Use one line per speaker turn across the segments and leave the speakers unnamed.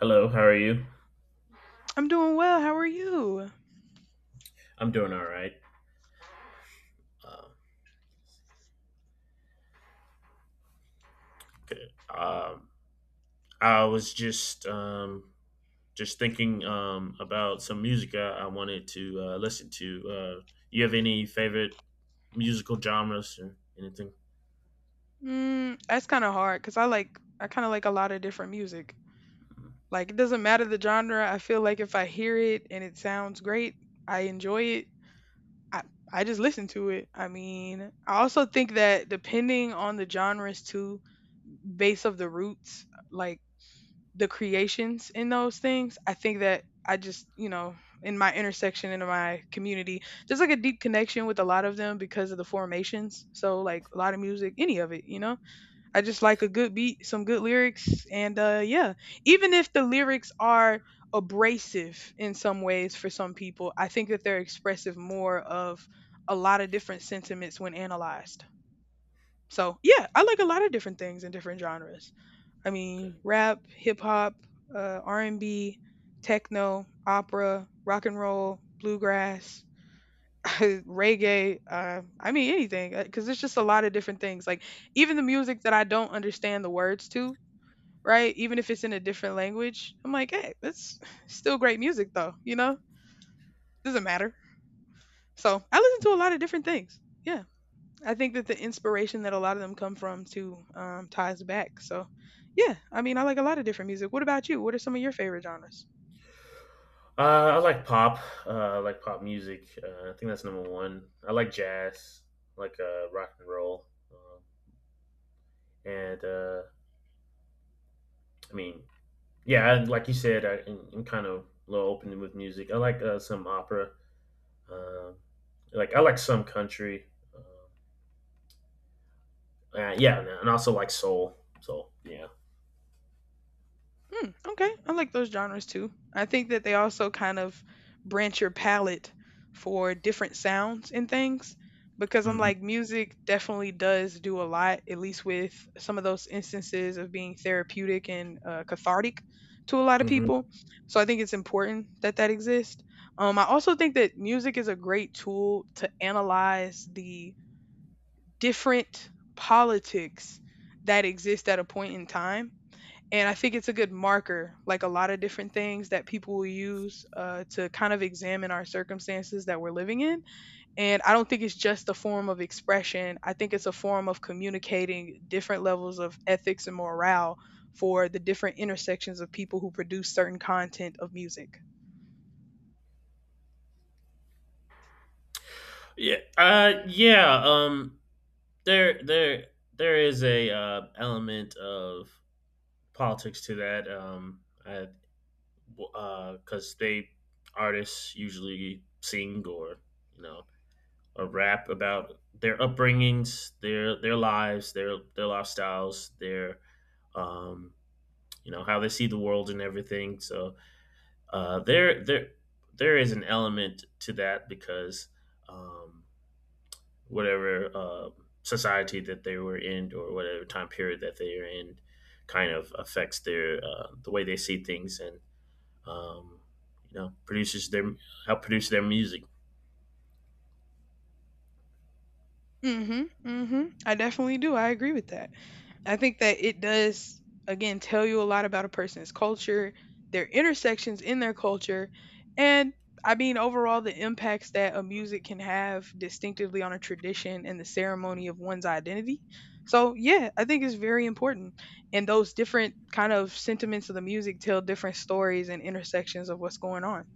Hello, how are you?
I'm doing well. How are you?
I'm doing all right. Um, Good. I was just thinking about some music I wanted to listen to. You have any favorite musical genres or anything?
Mm, that's kind of hard because I kind of like a lot of different music.
Mm.
Like it doesn't matter the genre. I feel like if I hear it and it sounds great, I enjoy it. I I just listen to it. I mean, I also think that depending on the genres too, base of the roots, like the creations in those things, I think that I just, in my intersection in my community, there's like a deep connection with a lot of them because of the formations. So like a lot of music, any of it, you know? I just like a good beat, some good lyrics, and yeah, even if the lyrics are abrasive in some ways for some people, I think that they're expressive more of a lot of different sentiments when analyzed. So yeah, I like a lot of different things in different genres. I
Okay.
mean, rap, hip hop, R&B, techno, opera, rock and roll, bluegrass. Reggae, I mean anything, because there's just a lot of different things, like even the music that I don't understand the words to, right? Even if it's in a different language, I'm like, hey, that's still great music though, you know? Doesn't matter. So I listen to a lot of different things. Yeah. I think that the inspiration that a lot of them come from too ties back. So yeah, I mean, I like a lot of different music. What about you? What are some of your favorite genres?
I like pop. I like pop music. I think that's number one. I like jazz, I like rock and roll, um, and I mean, yeah, and like you said, I'm kind of a little open with music. I like some opera. Um, like I like some country. Um yeah, and also like soul. So yeah.
Mm, okay, I like those genres too. I think that they also kind of branch your palette for different sounds and things, because I'm like,
Hmm.
music definitely does do a lot, at least with some of those instances of being therapeutic and cathartic to a lot of
Hmm.
people. So I think it's important that that exists. I also think that music is a great tool to analyze the different politics that exist at a point in time, and I think it's a good marker, like a lot of different things that people will use to kind of examine our circumstances that we're living in. And I don't think it's just a form of expression. I think it's a form of communicating different levels of ethics and morale for the different intersections of people who produce certain content of music.
Yeah. Yeah. There, there, there is a element of politics to that. I, because they artists usually sing or you know a rap about their upbringings, their lives, their lifestyles, their um, you know how they see the world and everything. So uh, there there there is an element to that because um, whatever society that they were in or whatever time period that they are in kind of affects the way they see things and um, you know produces their help produce their music.
Mhm, mhm. I definitely do. I agree with that. I think that it does, again, tell you a lot about a person's culture, their intersections in their culture, and I mean, overall, the impacts that a music can have distinctively on a tradition and the ceremony of one's identity. So yeah, I think it's very important. And those different kind of sentiments of the music tell different stories and intersections of what's going on,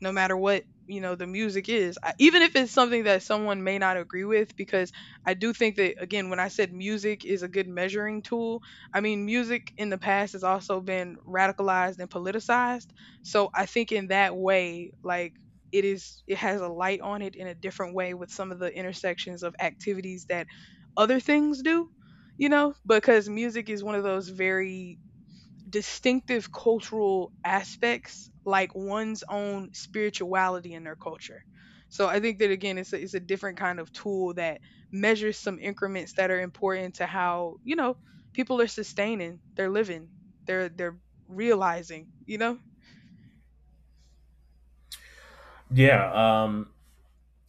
no matter what the music is, even if it's something that someone may not agree with, because I do think that, again, when I said music is a good measuring tool, I mean, music in the past has also been radicalized and politicized. So I think in that way, like, it has a light on it in a different way, with some of the intersections of activities that other things do, you know because music is one of those very distinctive cultural aspects, like one's own spirituality in their culture. So I think that, again, it's a different kind of tool that measures some increments that are important to how people are sustaining, they're living, they're realizing.
Yeah,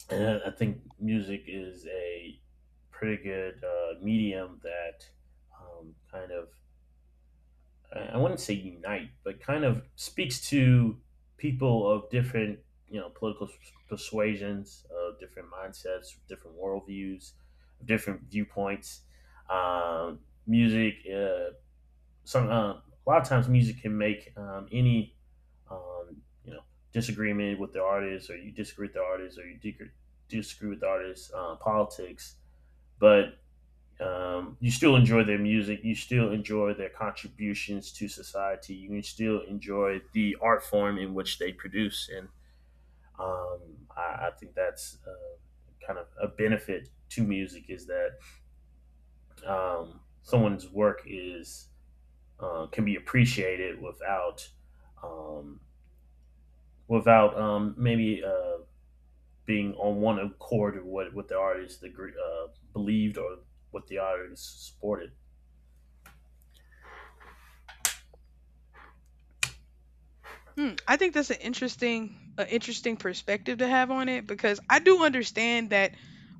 and I think music is a pretty good medium that kind of, I wouldn't say unite, but kind of speaks to people of different, you know, political persuasions, of different mindsets, different worldviews, different viewpoints. Um music some A lot of times music can make any you know disagreement with the artist, or you disagree with the artist, or disagree with the artist politics, but you still enjoy their music, you still enjoy their contributions to society, you can still enjoy the art form in which they produce, and um, I think that's kind of a benefit to music is that someone's work is can be appreciated without um, maybe being on one accord with what the artist believed or what the artist supported.
Hmm, I think that's an interesting perspective to have on it, because I do understand that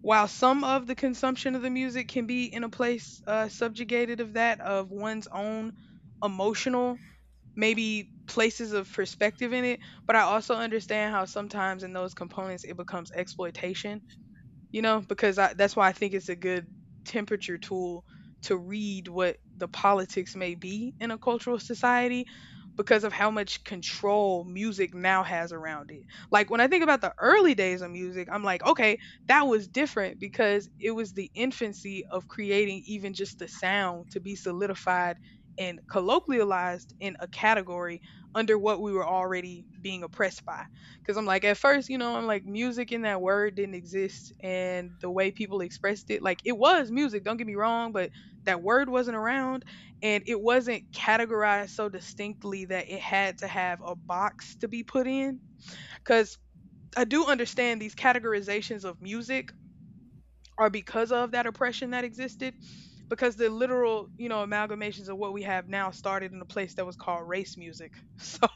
while some of the consumption of the music can be in a place, subjugated of that of one's own emotional maybe places of perspective in it, but I also understand how sometimes in those components it becomes exploitation, because that's why I think it's a good temperature tool to read what the politics may be in a cultural society, because of how much control music now has around it. Like when I think about the early days of music, I'm like, okay, that was different, because it was the infancy of creating even just the sound to be solidified and colloquialized in a category under what we were already being oppressed by. Cause I'm like, at first, you know, I'm like, music in that word didn't exist, and the way people expressed it, like, it was music. Don't get me wrong, but that word wasn't around, and it wasn't categorized so distinctly that it had to have a box to be put in. Cause I do understand these categorizations of music are because of that oppression that existed, because the literal amalgamations of what we have now started in a place that was called race music. So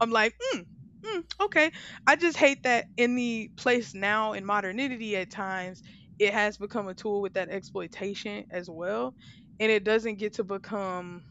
I'm like, mm, mm, okay, I just hate that in the place now, in modernity, at times it has become a tool with that exploitation as well, and it doesn't get to become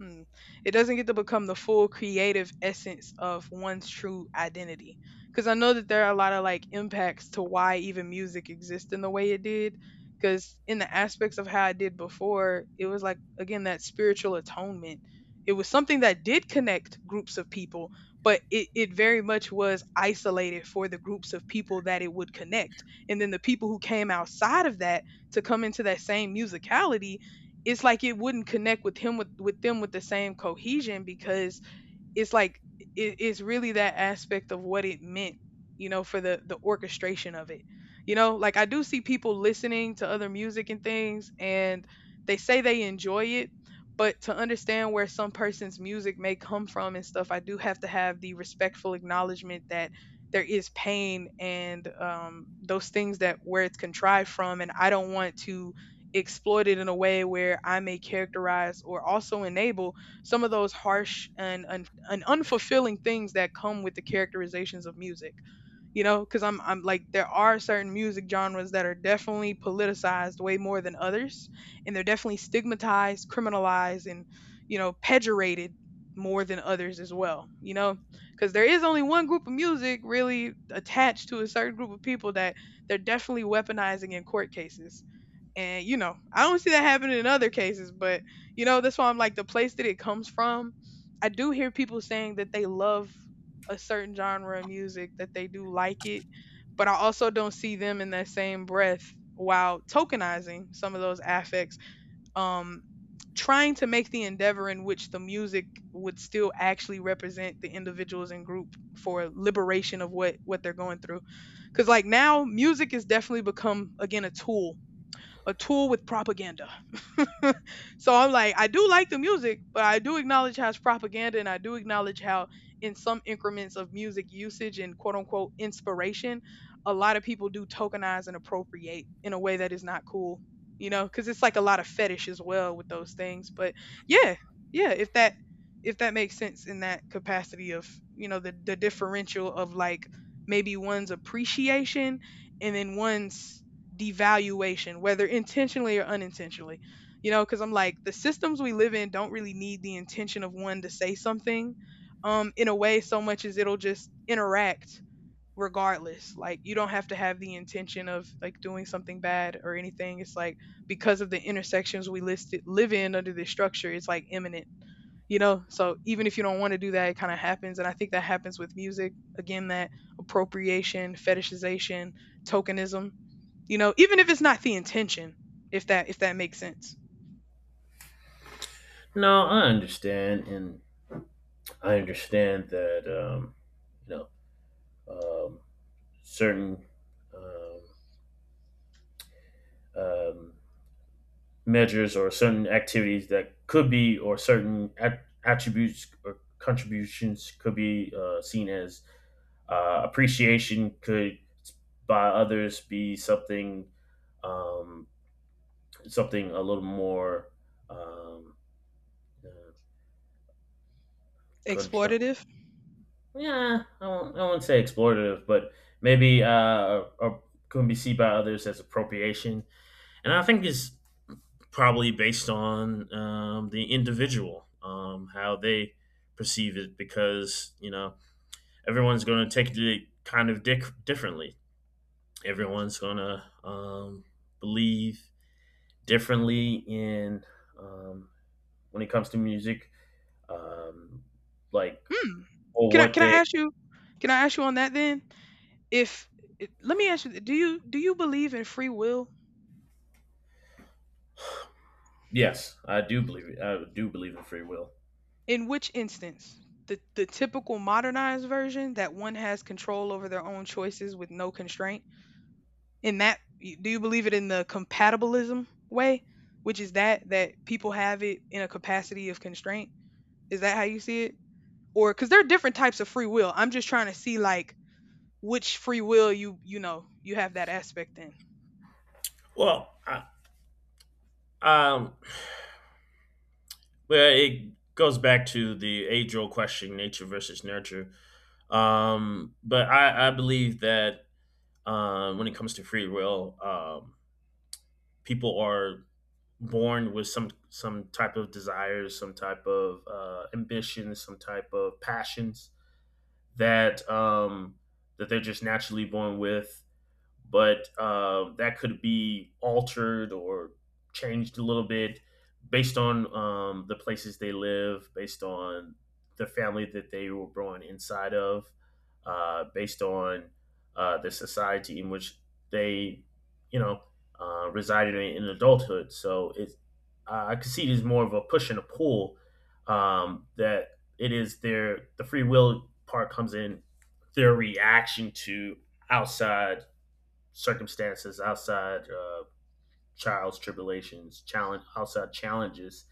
Hmm. it doesn't get to become the full creative essence of one's true identity. Because I know that there are a lot of like impacts to why even music exists in the way it did. Because in the aspects of how I did before, it was like, again, that spiritual atonement. It was something that did connect groups of people, but it very much was isolated for the groups of people that it would connect. And then the people who came outside of that, to come into that same musicality, it's like it wouldn't connect with him, with them, with the same cohesion, because it's like it's really that aspect of what it meant, you know, for the orchestration of it. Like, I do see people listening to other music and things, and they say they enjoy it, but to understand where some person's music may come from and stuff, I do have to have the respectful acknowledgement that there is pain and those things that where it's contrived from, and I don't want to exploit it in a way where I may characterize or also enable some of those harsh and unfulfilling things that come with the characterizations of music, you know because I'm like, there are certain music genres that are definitely politicized way more than others, and they're definitely stigmatized, criminalized, and pejorated more than others as well. Because there is only one group of music really attached to a certain group of people that they're definitely weaponizing in court cases, and I don't see that happening in other cases, but that's why I'm like, the place that it comes from. I do hear people saying that they love a certain genre of music, that they do like it, but I also don't see them in that same breath, while tokenizing some of those affects, Um trying to make the endeavor in which the music would still actually represent the individuals and group for liberation of what they're going through, because like now music has definitely become, again, a tool, with propaganda. So I'm like, I do like the music, but I do acknowledge how it's propaganda, and I do acknowledge how, in some increments of music usage and quote unquote inspiration, a lot of people do tokenize and appropriate in a way that is not cool, cuz it's like a lot of fetish as well with those things. But yeah, yeah, if that makes sense in that capacity of, the differential of like maybe one's appreciation, and then one's devaluation, whether intentionally or unintentionally. Because I'm like, the systems we live in don't really need the intention of one to say something, in a way, so much as it'll just interact regardless. Like, you don't have to have the intention of like doing something bad or anything. It's like because of the intersections we listed live in under this structure, it's like imminent, so even if you don't want to do that, it kind of happens. And I think that happens with music again, that appropriation, fetishization, tokenism, even if it's not the intention, if that makes sense.
No, I understand, and I understand that you know um, certain um, um, measures or certain activities that could be or certain attributes or contributions could be seen as appreciation could by others be something um, something a little more um, uh, contr-
Exploitative?
yeah, I won't say exploitative, but maybe or could be seen by others as appropriation, and I think it's probably based on the individual, how they perceive it, because you know everyone's going to take it kind of differently. Everyone's going to believe differently in um, when it comes to music, um, like
Hmm.
or
Can I
what
can
they.
I ask you can I ask you on that then? If let me ask you, do you believe in free will?
Yes, I do believe it. I do believe in free will.
In which instance? The typical modernized version that one has control over their own choices with no constraint. In that, do you believe it in the compatibilism way, which is that people have it in a capacity of constraint? Is that how you see it? Or because there are different types of free will. I'm just trying to see like which free will you have that aspect in.
Well, um, well, it goes back to the age-old question: nature versus nurture. But I believe that when it comes to free will, people are born with some type of desires, some type of ambitions, some type of passions that um, that they're just naturally born with, but that could be altered or changed a little bit based on the places they live, based on the family that they were born inside of, based on the society in which they, you know, resided in adulthood. I could see it as more of a push and a pull. That it is their The free will part comes in their reaction to outside circumstances, outside trials, tribulations, challenge, outside challenges,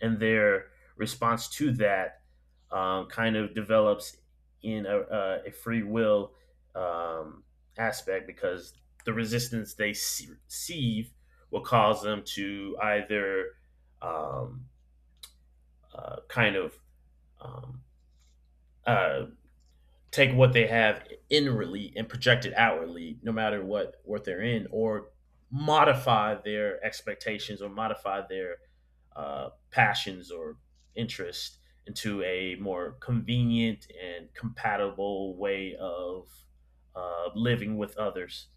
and their response to that kind of develops in a free will um, aspect because the resistance receive will cause them to either um, kind of um, uh, take what they have inwardly and project it outwardly, no matter what they're in, or modify their expectations or modify their passions or interest into a more convenient and compatible way of living with others.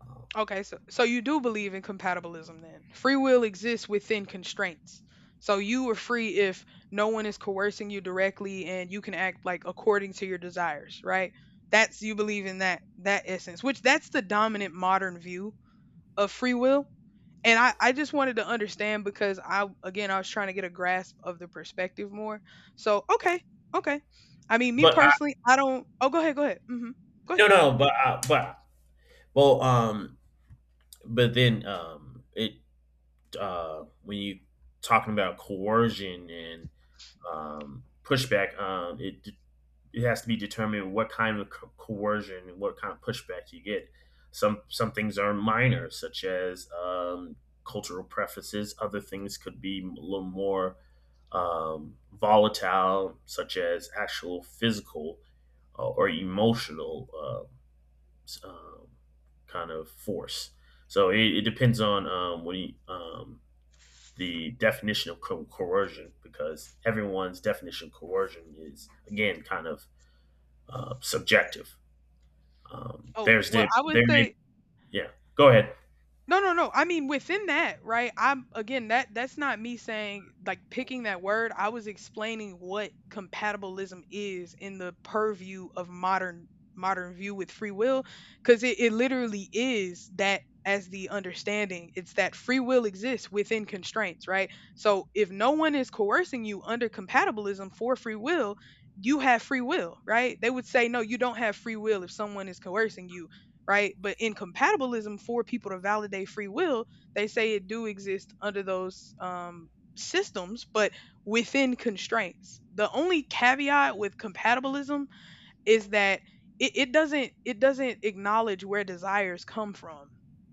Um,
Okay, so so you do believe in compatibilism then? Free will exists within constraints, so you are free if no one is coercing you directly and you can act like according to your desires, right? That's you believe in that essence, which that's the dominant modern view of free will. And I just wanted to understand because I again I was trying to get a grasp of the perspective more. So okay. Okay. I mean, me
But I
personally, I don't. Oh, go ahead, go ahead. Mhm. Go ahead.
no no, but I, but well but then it when you talking about coercion and pushback, it has to be determined what kind of coercion and what kind of pushback you get. Some things are minor, such as cultural preferences. Other things could be a little more volatile, such as actual physical or emotional uh, um, kind of force. So it depends on the definition of coercion, because everyone's definition of coercion is again kind of subjective.
Oh,
There's
well,
the
I would
there may
say
Yeah. Go ahead.
no, no, no. I mean, within that, right? I'm again that's not me saying like picking that word. I was explaining what compatibilism is in the purview of modern view with free will, because it literally is that as the understanding. It's that free will exists within constraints, right? So if no one is coercing you under compatibilism for free will, you have free will, right? They would say, no, you don't have free will if someone is coercing you, right? But in compatibilism, for people to validate free will, they say it do exist under those systems, but within constraints. The only caveat with compatibilism is that it doesn't acknowledge where desires come from.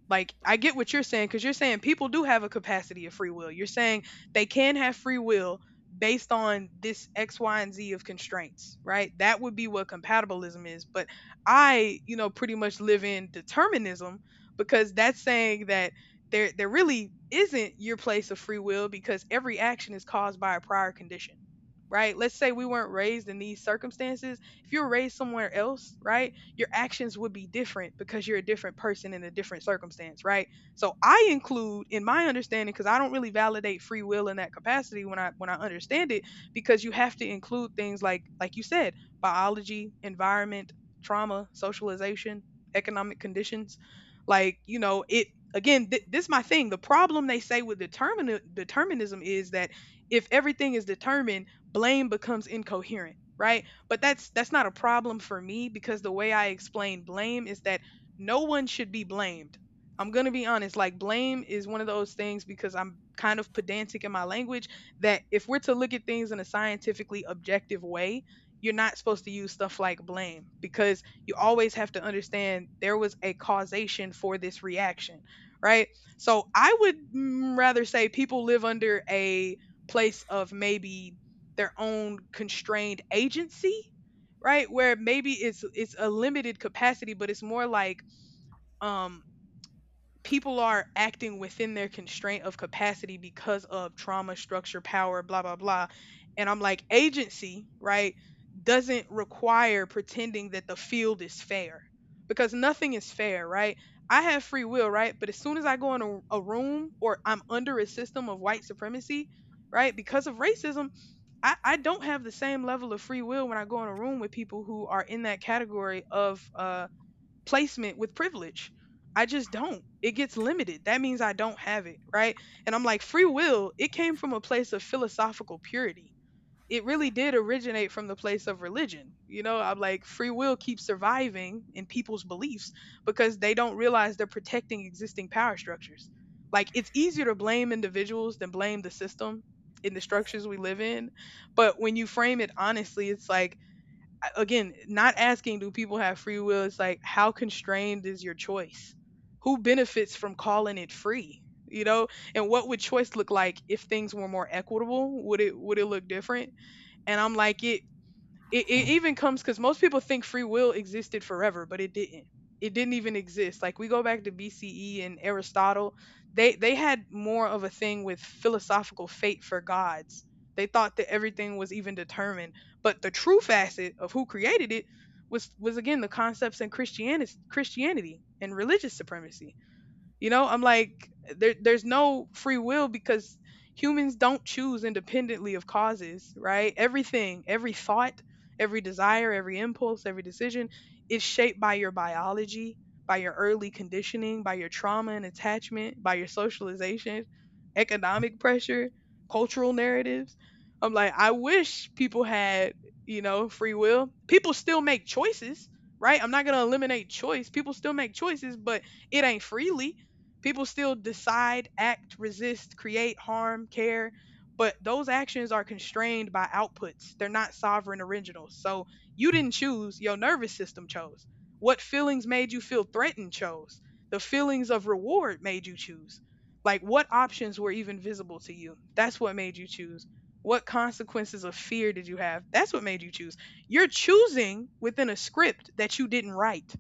Like I get what you're saying, because you're saying people do have a capacity of free will. You're saying they can have free will based on this X Y and Z of constraints, right? That would be what compatibilism is. But I, you know, pretty much live in determinism, because that's saying that there really isn't your place of free will because every action is caused by a prior condition, right? Let's say we weren't raised in these circumstances. If you were raised somewhere else, right, your actions would be different because you're a different person in a different circumstance, right? So I include in my understanding because I don't really validate free will in that capacity when I understand it, because you have to include things like you said, biology, environment, trauma, socialization, economic conditions. Like, you know, it again, this is my thing. The problem they say with determinism is that if everything is determined, blame becomes incoherent, right? But that's not a problem for me because the way I explain blame is that no one should be blamed. I'm going to be honest, like blame is one of those things because I'm kind of pedantic in my language that if we're to look at things in a scientifically objective way, you're not supposed to use stuff like blame because you always have to understand there was a causation for this reaction, right? So I would rather say people live under a place of maybe their own constrained agency, right? Where maybe it's a limited capacity but it's more like um people are acting within their constraint of capacity because of trauma, structure, power, blah blah blah. And I'm like, agency, right, doesn't require pretending that the field is fair because nothing is fair, right? I have free will, right? But as soon as I go in a room or I'm under a system of white supremacy, right, because of racism, I don't have the same level of free will when I go in a room with people who are in that category of placement with privilege. I just don't. It gets limited. That means I don't have it, right? And I'm like, free will, it came from a place of philosophical purity. It really did originate from the place of religion. You know, I'm like, free will keeps surviving in people's beliefs because they don't realize they're protecting existing power structures. Like it's easier to blame individuals than blame the system in the structures we live in. But when you frame it honestly, it's like a- again, not asking do people have free will, it's like how constrained is your choice? Who benefits from calling it free? You know, and what would choice look like if things were more equitable? Would it look different? And I'm like it it even comes cuz most people think free will existed forever, but it didn't. It didn't even exist. Like we go back to BCE and Aristotle, they had more of a thing with philosophical fate for gods. They thought that everything was even determined, but the true facet of who created it was again the concepts in Christianity, Christianity and religious supremacy. You know, I'm like, there's no free will because humans don't choose independently of causes, right? Everything, every thought, every desire, every impulse, every decision is shaped by your biology, by your early conditioning, by your trauma and attachment, by your socialization, economic pressure, cultural narratives. I'm like, I wish people had, you know, free will. People still make choices, right? I'm not going to eliminate choice. People still make choices, but it ain't freely. People still decide, act, resist, create, harm, care, but those actions are constrained by outputs. They're not sovereign originals. So you didn't choose, your nervous system chose. What feelings made you feel threatened chose. The feelings of reward made you choose. Like what options were even visible to you? That's what made you choose. What consequences of fear did you have? That's what made you choose. You're choosing within a script that you didn't write.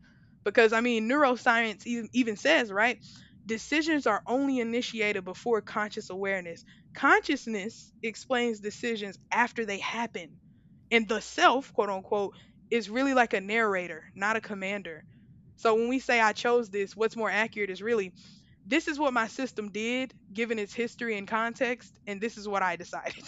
Because, I mean, neuroscience even says, right? Decisions are only initiated before conscious awareness. Consciousness explains decisions after they happen. And the self, quote unquote, is really like a narrator, not a commander. So when we say I chose this, what's more accurate is really this is what my system did given its history and context, and this is what I decided.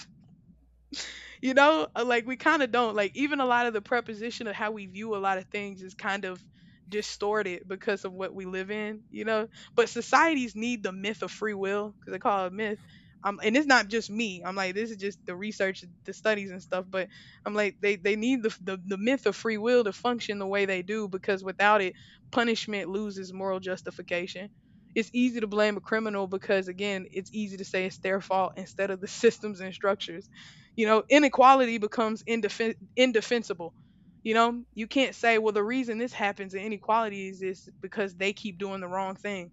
You know, like we kind of don't. Like even a lot of the preposition of how we view a lot of things is kind of distorted because of what we live in, you know. But societies need the myth of free will because they call it a myth. And it's not just me. I'm like, this is just the research, the studies and stuff. But I'm like they need the the myth of free will to function the way they do because without it, punishment loses moral justification. It's easy to blame a criminal because again it's easy to say it's their fault instead of the systems and structures. You know, inequality becomes indefensible. You know, you can't say, well, the reason this happens in inequality is because they keep doing the wrong thing.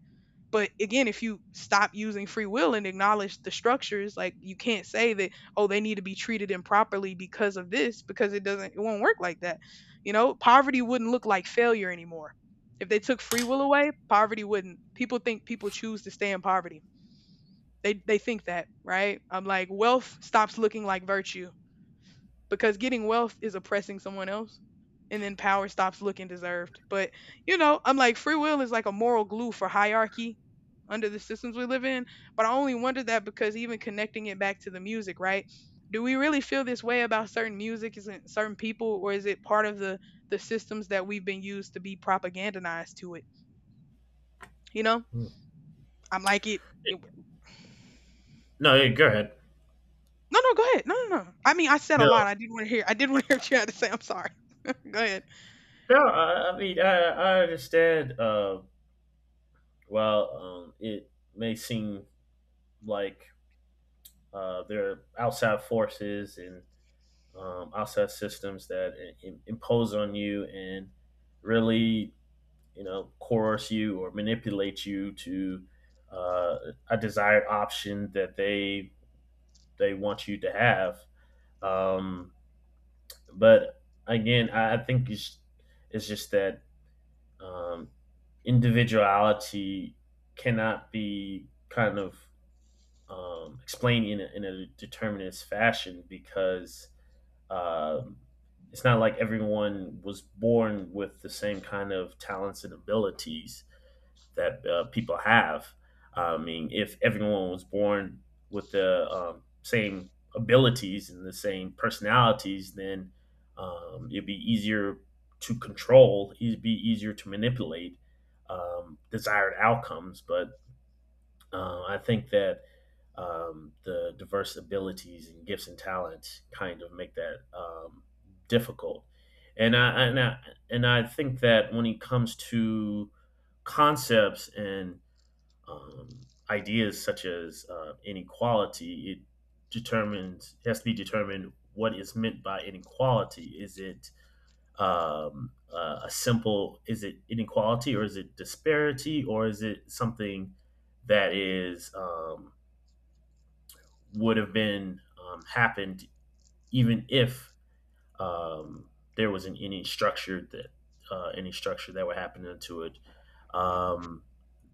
But again, if you stop using free will and acknowledge the structures, like you can't say that, oh, they need to be treated improperly because of this, because it doesn't, it won't work like that. You know, poverty wouldn't look like failure anymore. If they took free will away, poverty wouldn't. People think people choose to stay in poverty. They think that, right? I'm like, wealth stops looking like virtue because getting wealth is oppressing someone else and then power stops looking deserved. But, you know, I'm like, free will is like a moral glue for hierarchy under the systems we live in, but I only wonder that because even connecting it back to the music, right? Do we really feel this way about certain music? Is it certain people, or is it part of the systems that we've been used to be propagandized to it? You know,
Hmm.
I'm like it. It
No, yeah, go ahead.
no, no, go ahead. No, no, no. I mean, I said a
No,
lot. I didn't want to hear. I didn't want to hear what you had to say. I'm sorry. Go ahead.
no. I mean, I understand. While it may seem like there are outside forces and outside systems that impose on you and really, you know, coerce you or manipulate you to uh, a desired option that they want you to have. Um, but again, I think it's just that um, individuality cannot be kind of explained in a determinist fashion because um it's not like everyone was born with the same kind of talents and abilities that people have. I mean, if everyone was born with the same abilities and the same personalities, then it'd be easier to control. It'd be easier to manipulate desired outcomes. But I think that the diverse abilities and gifts and talents kind of make that difficult. And I, and I and I think that when it comes to concepts and ideas such as inequality, it determines has to be determined what is meant by inequality. Is it a simple is it inequality or is it disparity or is it something that is would have been happened even if um, there wasn't any structure that would happen into it. Um,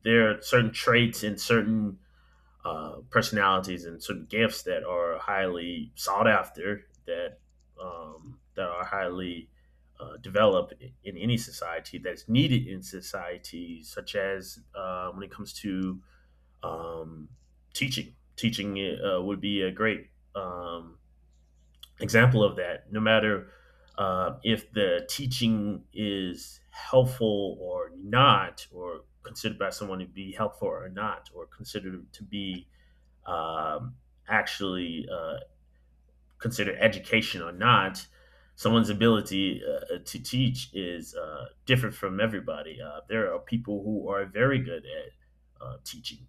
there are certain traits and certain personalities and certain gifts that are highly sought after, that are highly developed in any society, that is needed in society, such as when it comes to um, teaching. Teaching would be a great um, example of that. No matter if the teaching is helpful or not, or considered by someone to be helpful or not, or considered to be um, actually considered education or not, someone's ability to teach is different from everybody. There are people who are very good at teaching,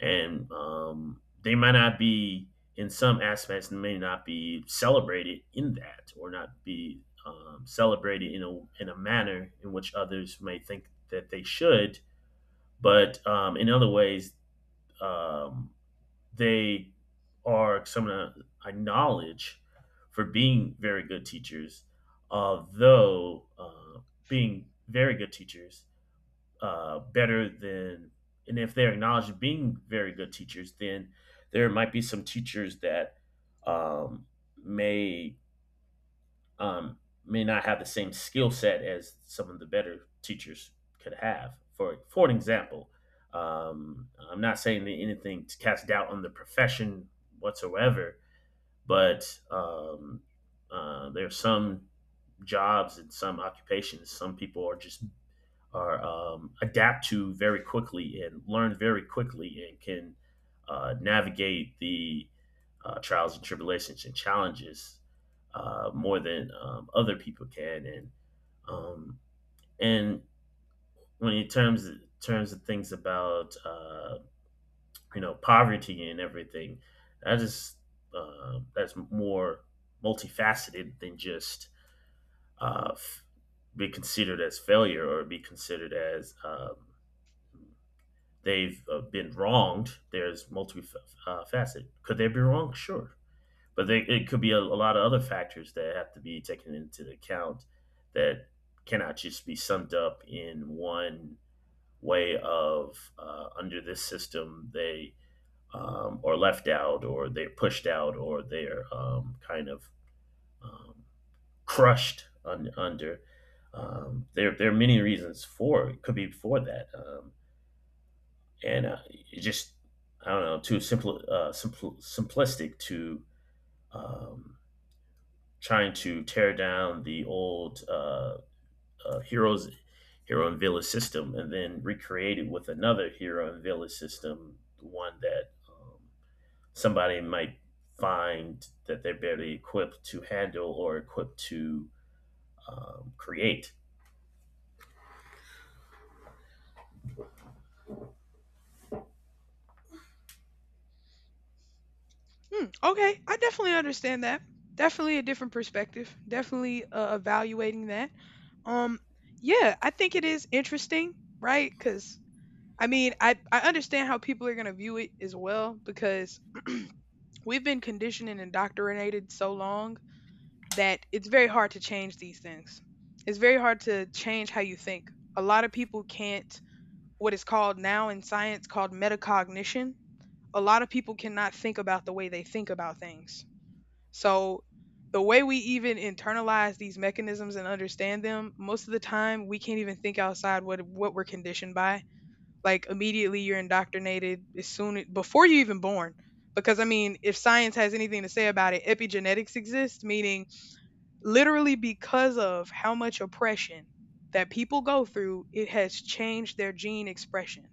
and they might not be, in some aspects, may not be celebrated in that, or not be celebrated in a manner in which others may think that they should. But in other ways, um, they are someone I acknowledge for being very good teachers, although being very good teachers, better than, and if they're acknowledged being very good teachers, then there might be some teachers that um, may um, may not have the same skill set as some of the better teachers could have. For an example, I'm not saying that anything to cast doubt on the profession whatsoever, but there are some jobs and some occupations some people are just are adapt to very quickly and learn very quickly and can navigate the trials and tribulations and challenges more than other people can. Um, and when in terms of things about you know poverty and everything, that is that's more multifaceted than just uh, f- be considered as failure or be considered as they've been wronged. There's multiple uh, Could they be wrong? Sure, but it could be a lot of other factors that have to be taken into account that cannot just be summed up in one way of under this system they are left out or they're pushed out or they're kind of um, crushed under. There are many reasons for it. Could be for that. And It's just I don't know, too simple, simplistic to um, trying to tear down the old uh, heroes hero and village system and then recreate it with another hero and village system, the one that somebody might find that they're barely equipped to handle or equipped to create.
Hmm, okay, I definitely understand that. Definitely a different perspective. Definitely evaluating that. Um, yeah, I think it is interesting, right? Because I mean, I understand how people are gonna view it as well because we've been conditioned and indoctrinated so long that it's very hard to change these things. It's very hard to change how you think. A lot of people can't what is called now in science called metacognition. A lot of people cannot think about the way they think about things, so the way we even internalize these mechanisms and understand them, most of the time we can't even think outside what we're conditioned by. Like immediately you're indoctrinated as soon before you even born. Because I mean, if science has anything to say about it, epigenetics exists, meaning literally because of how much oppression that people go through, it has changed their gene expression.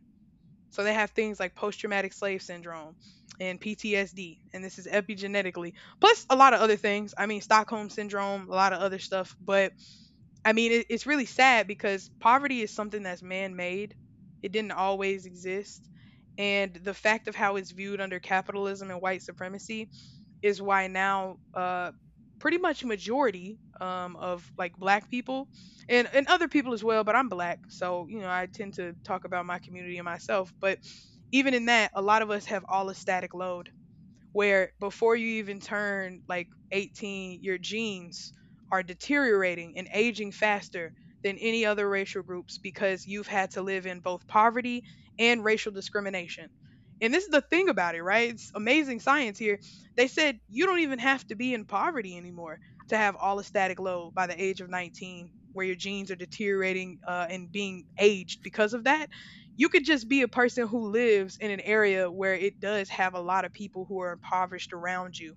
So they have things like post traumatic slave syndrome and PTSD, and this is epigenetically, plus a lot of other things. I mean, Stockholm syndrome, a lot of other stuff. But I mean, it's really sad because poverty is something that's man made, it didn't always exist. And the fact of how it's viewed under capitalism and white supremacy is why now pretty much majority of like black people and other people as well, but I'm black, so you know I tend to talk about my community and myself. But even in that, a lot of us have all a static load where before you even turn like 18, your genes are deteriorating and aging faster than any other racial groups because you've had to live in both poverty and racial discrimination. And this is the thing about it, right? It's amazing science here. They said you don't even have to be in poverty anymore to have allostatic load by the age of 19, where your genes are deteriorating and being aged because of that. You could just be a person who lives in an area where it does have a lot of people who are impoverished around you,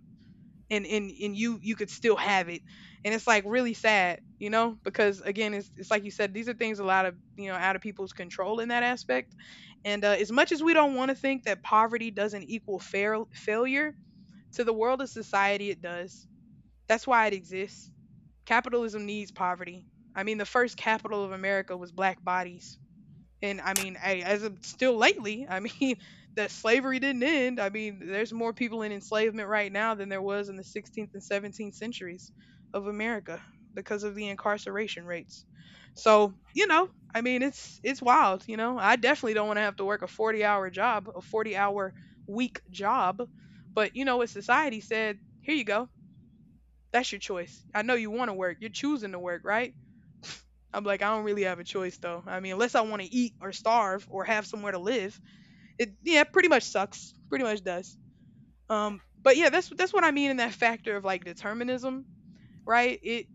and you could still have it. And it's like really sad, you know, because again it's like you said, these are things a lot of, you know, out of people's control in that aspect. And as much as we don't want to think that poverty doesn't equal failure, to the world of society it does. That's why it exists. Capitalism needs poverty. I mean, the first capital of America was black bodies. And I mean, hey, as of still lately, I mean, that slavery didn't end. I mean, there's more people in enslavement right now than there was in the 16th and 17th centuries of America because of the incarceration rates. So, you know, I mean, it's wild, you know. I definitely don't want to have to work a 40-hour job, a 40-hour week job, but you know what society said, here you go. That's your choice. I know you want to work. You're choosing to work, right? I'm like, I don't really have a choice though. I mean, unless I want to eat or starve or have somewhere to live, it yeah, pretty much sucks. Pretty much does. But yeah, that's what I mean in that factor of like determinism, right? It,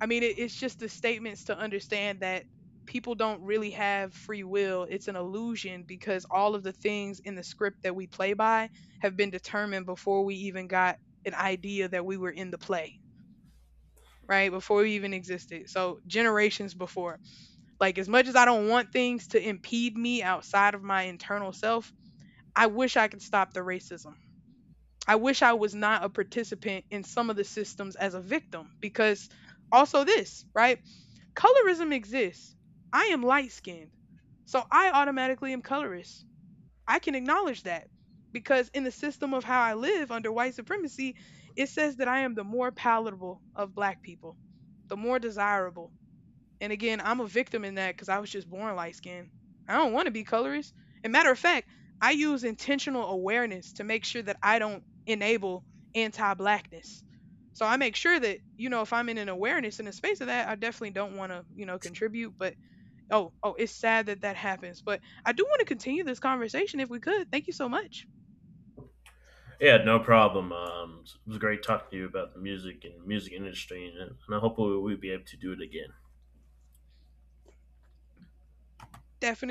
I mean, it, it's just the statements to understand that people don't really have free will. It's an illusion because all of the things in the script that we play by have been determined before we even got an idea that we were in the play, right? Before we even existed. So generations before. Like as much as I don't want things to impede me outside of my internal self, I wish I could stop the racism. I wish I was not a participant in some of the systems as a victim because also this, right? Colorism exists. I am light skinned. So I automatically am colorist. I can acknowledge that because in the system of how I live under white supremacy, it says that I am the more palatable of black people, the more desirable. And again, I'm a victim in that because I was just born light skinned. I don't want to be colorist. And matter of fact, I use intentional awareness to make sure that I don't enable anti blackness. So I make sure that, you know, if I'm in an awareness in a space of that, I definitely don't want to, you know, contribute. But oh, oh, it's sad that that happens. But I do want to continue this conversation if we could. Thank you so much.
Yeah, no problem. It was great talking to you about the music and music industry, and I hope we'll be able to do it again.
Definitely.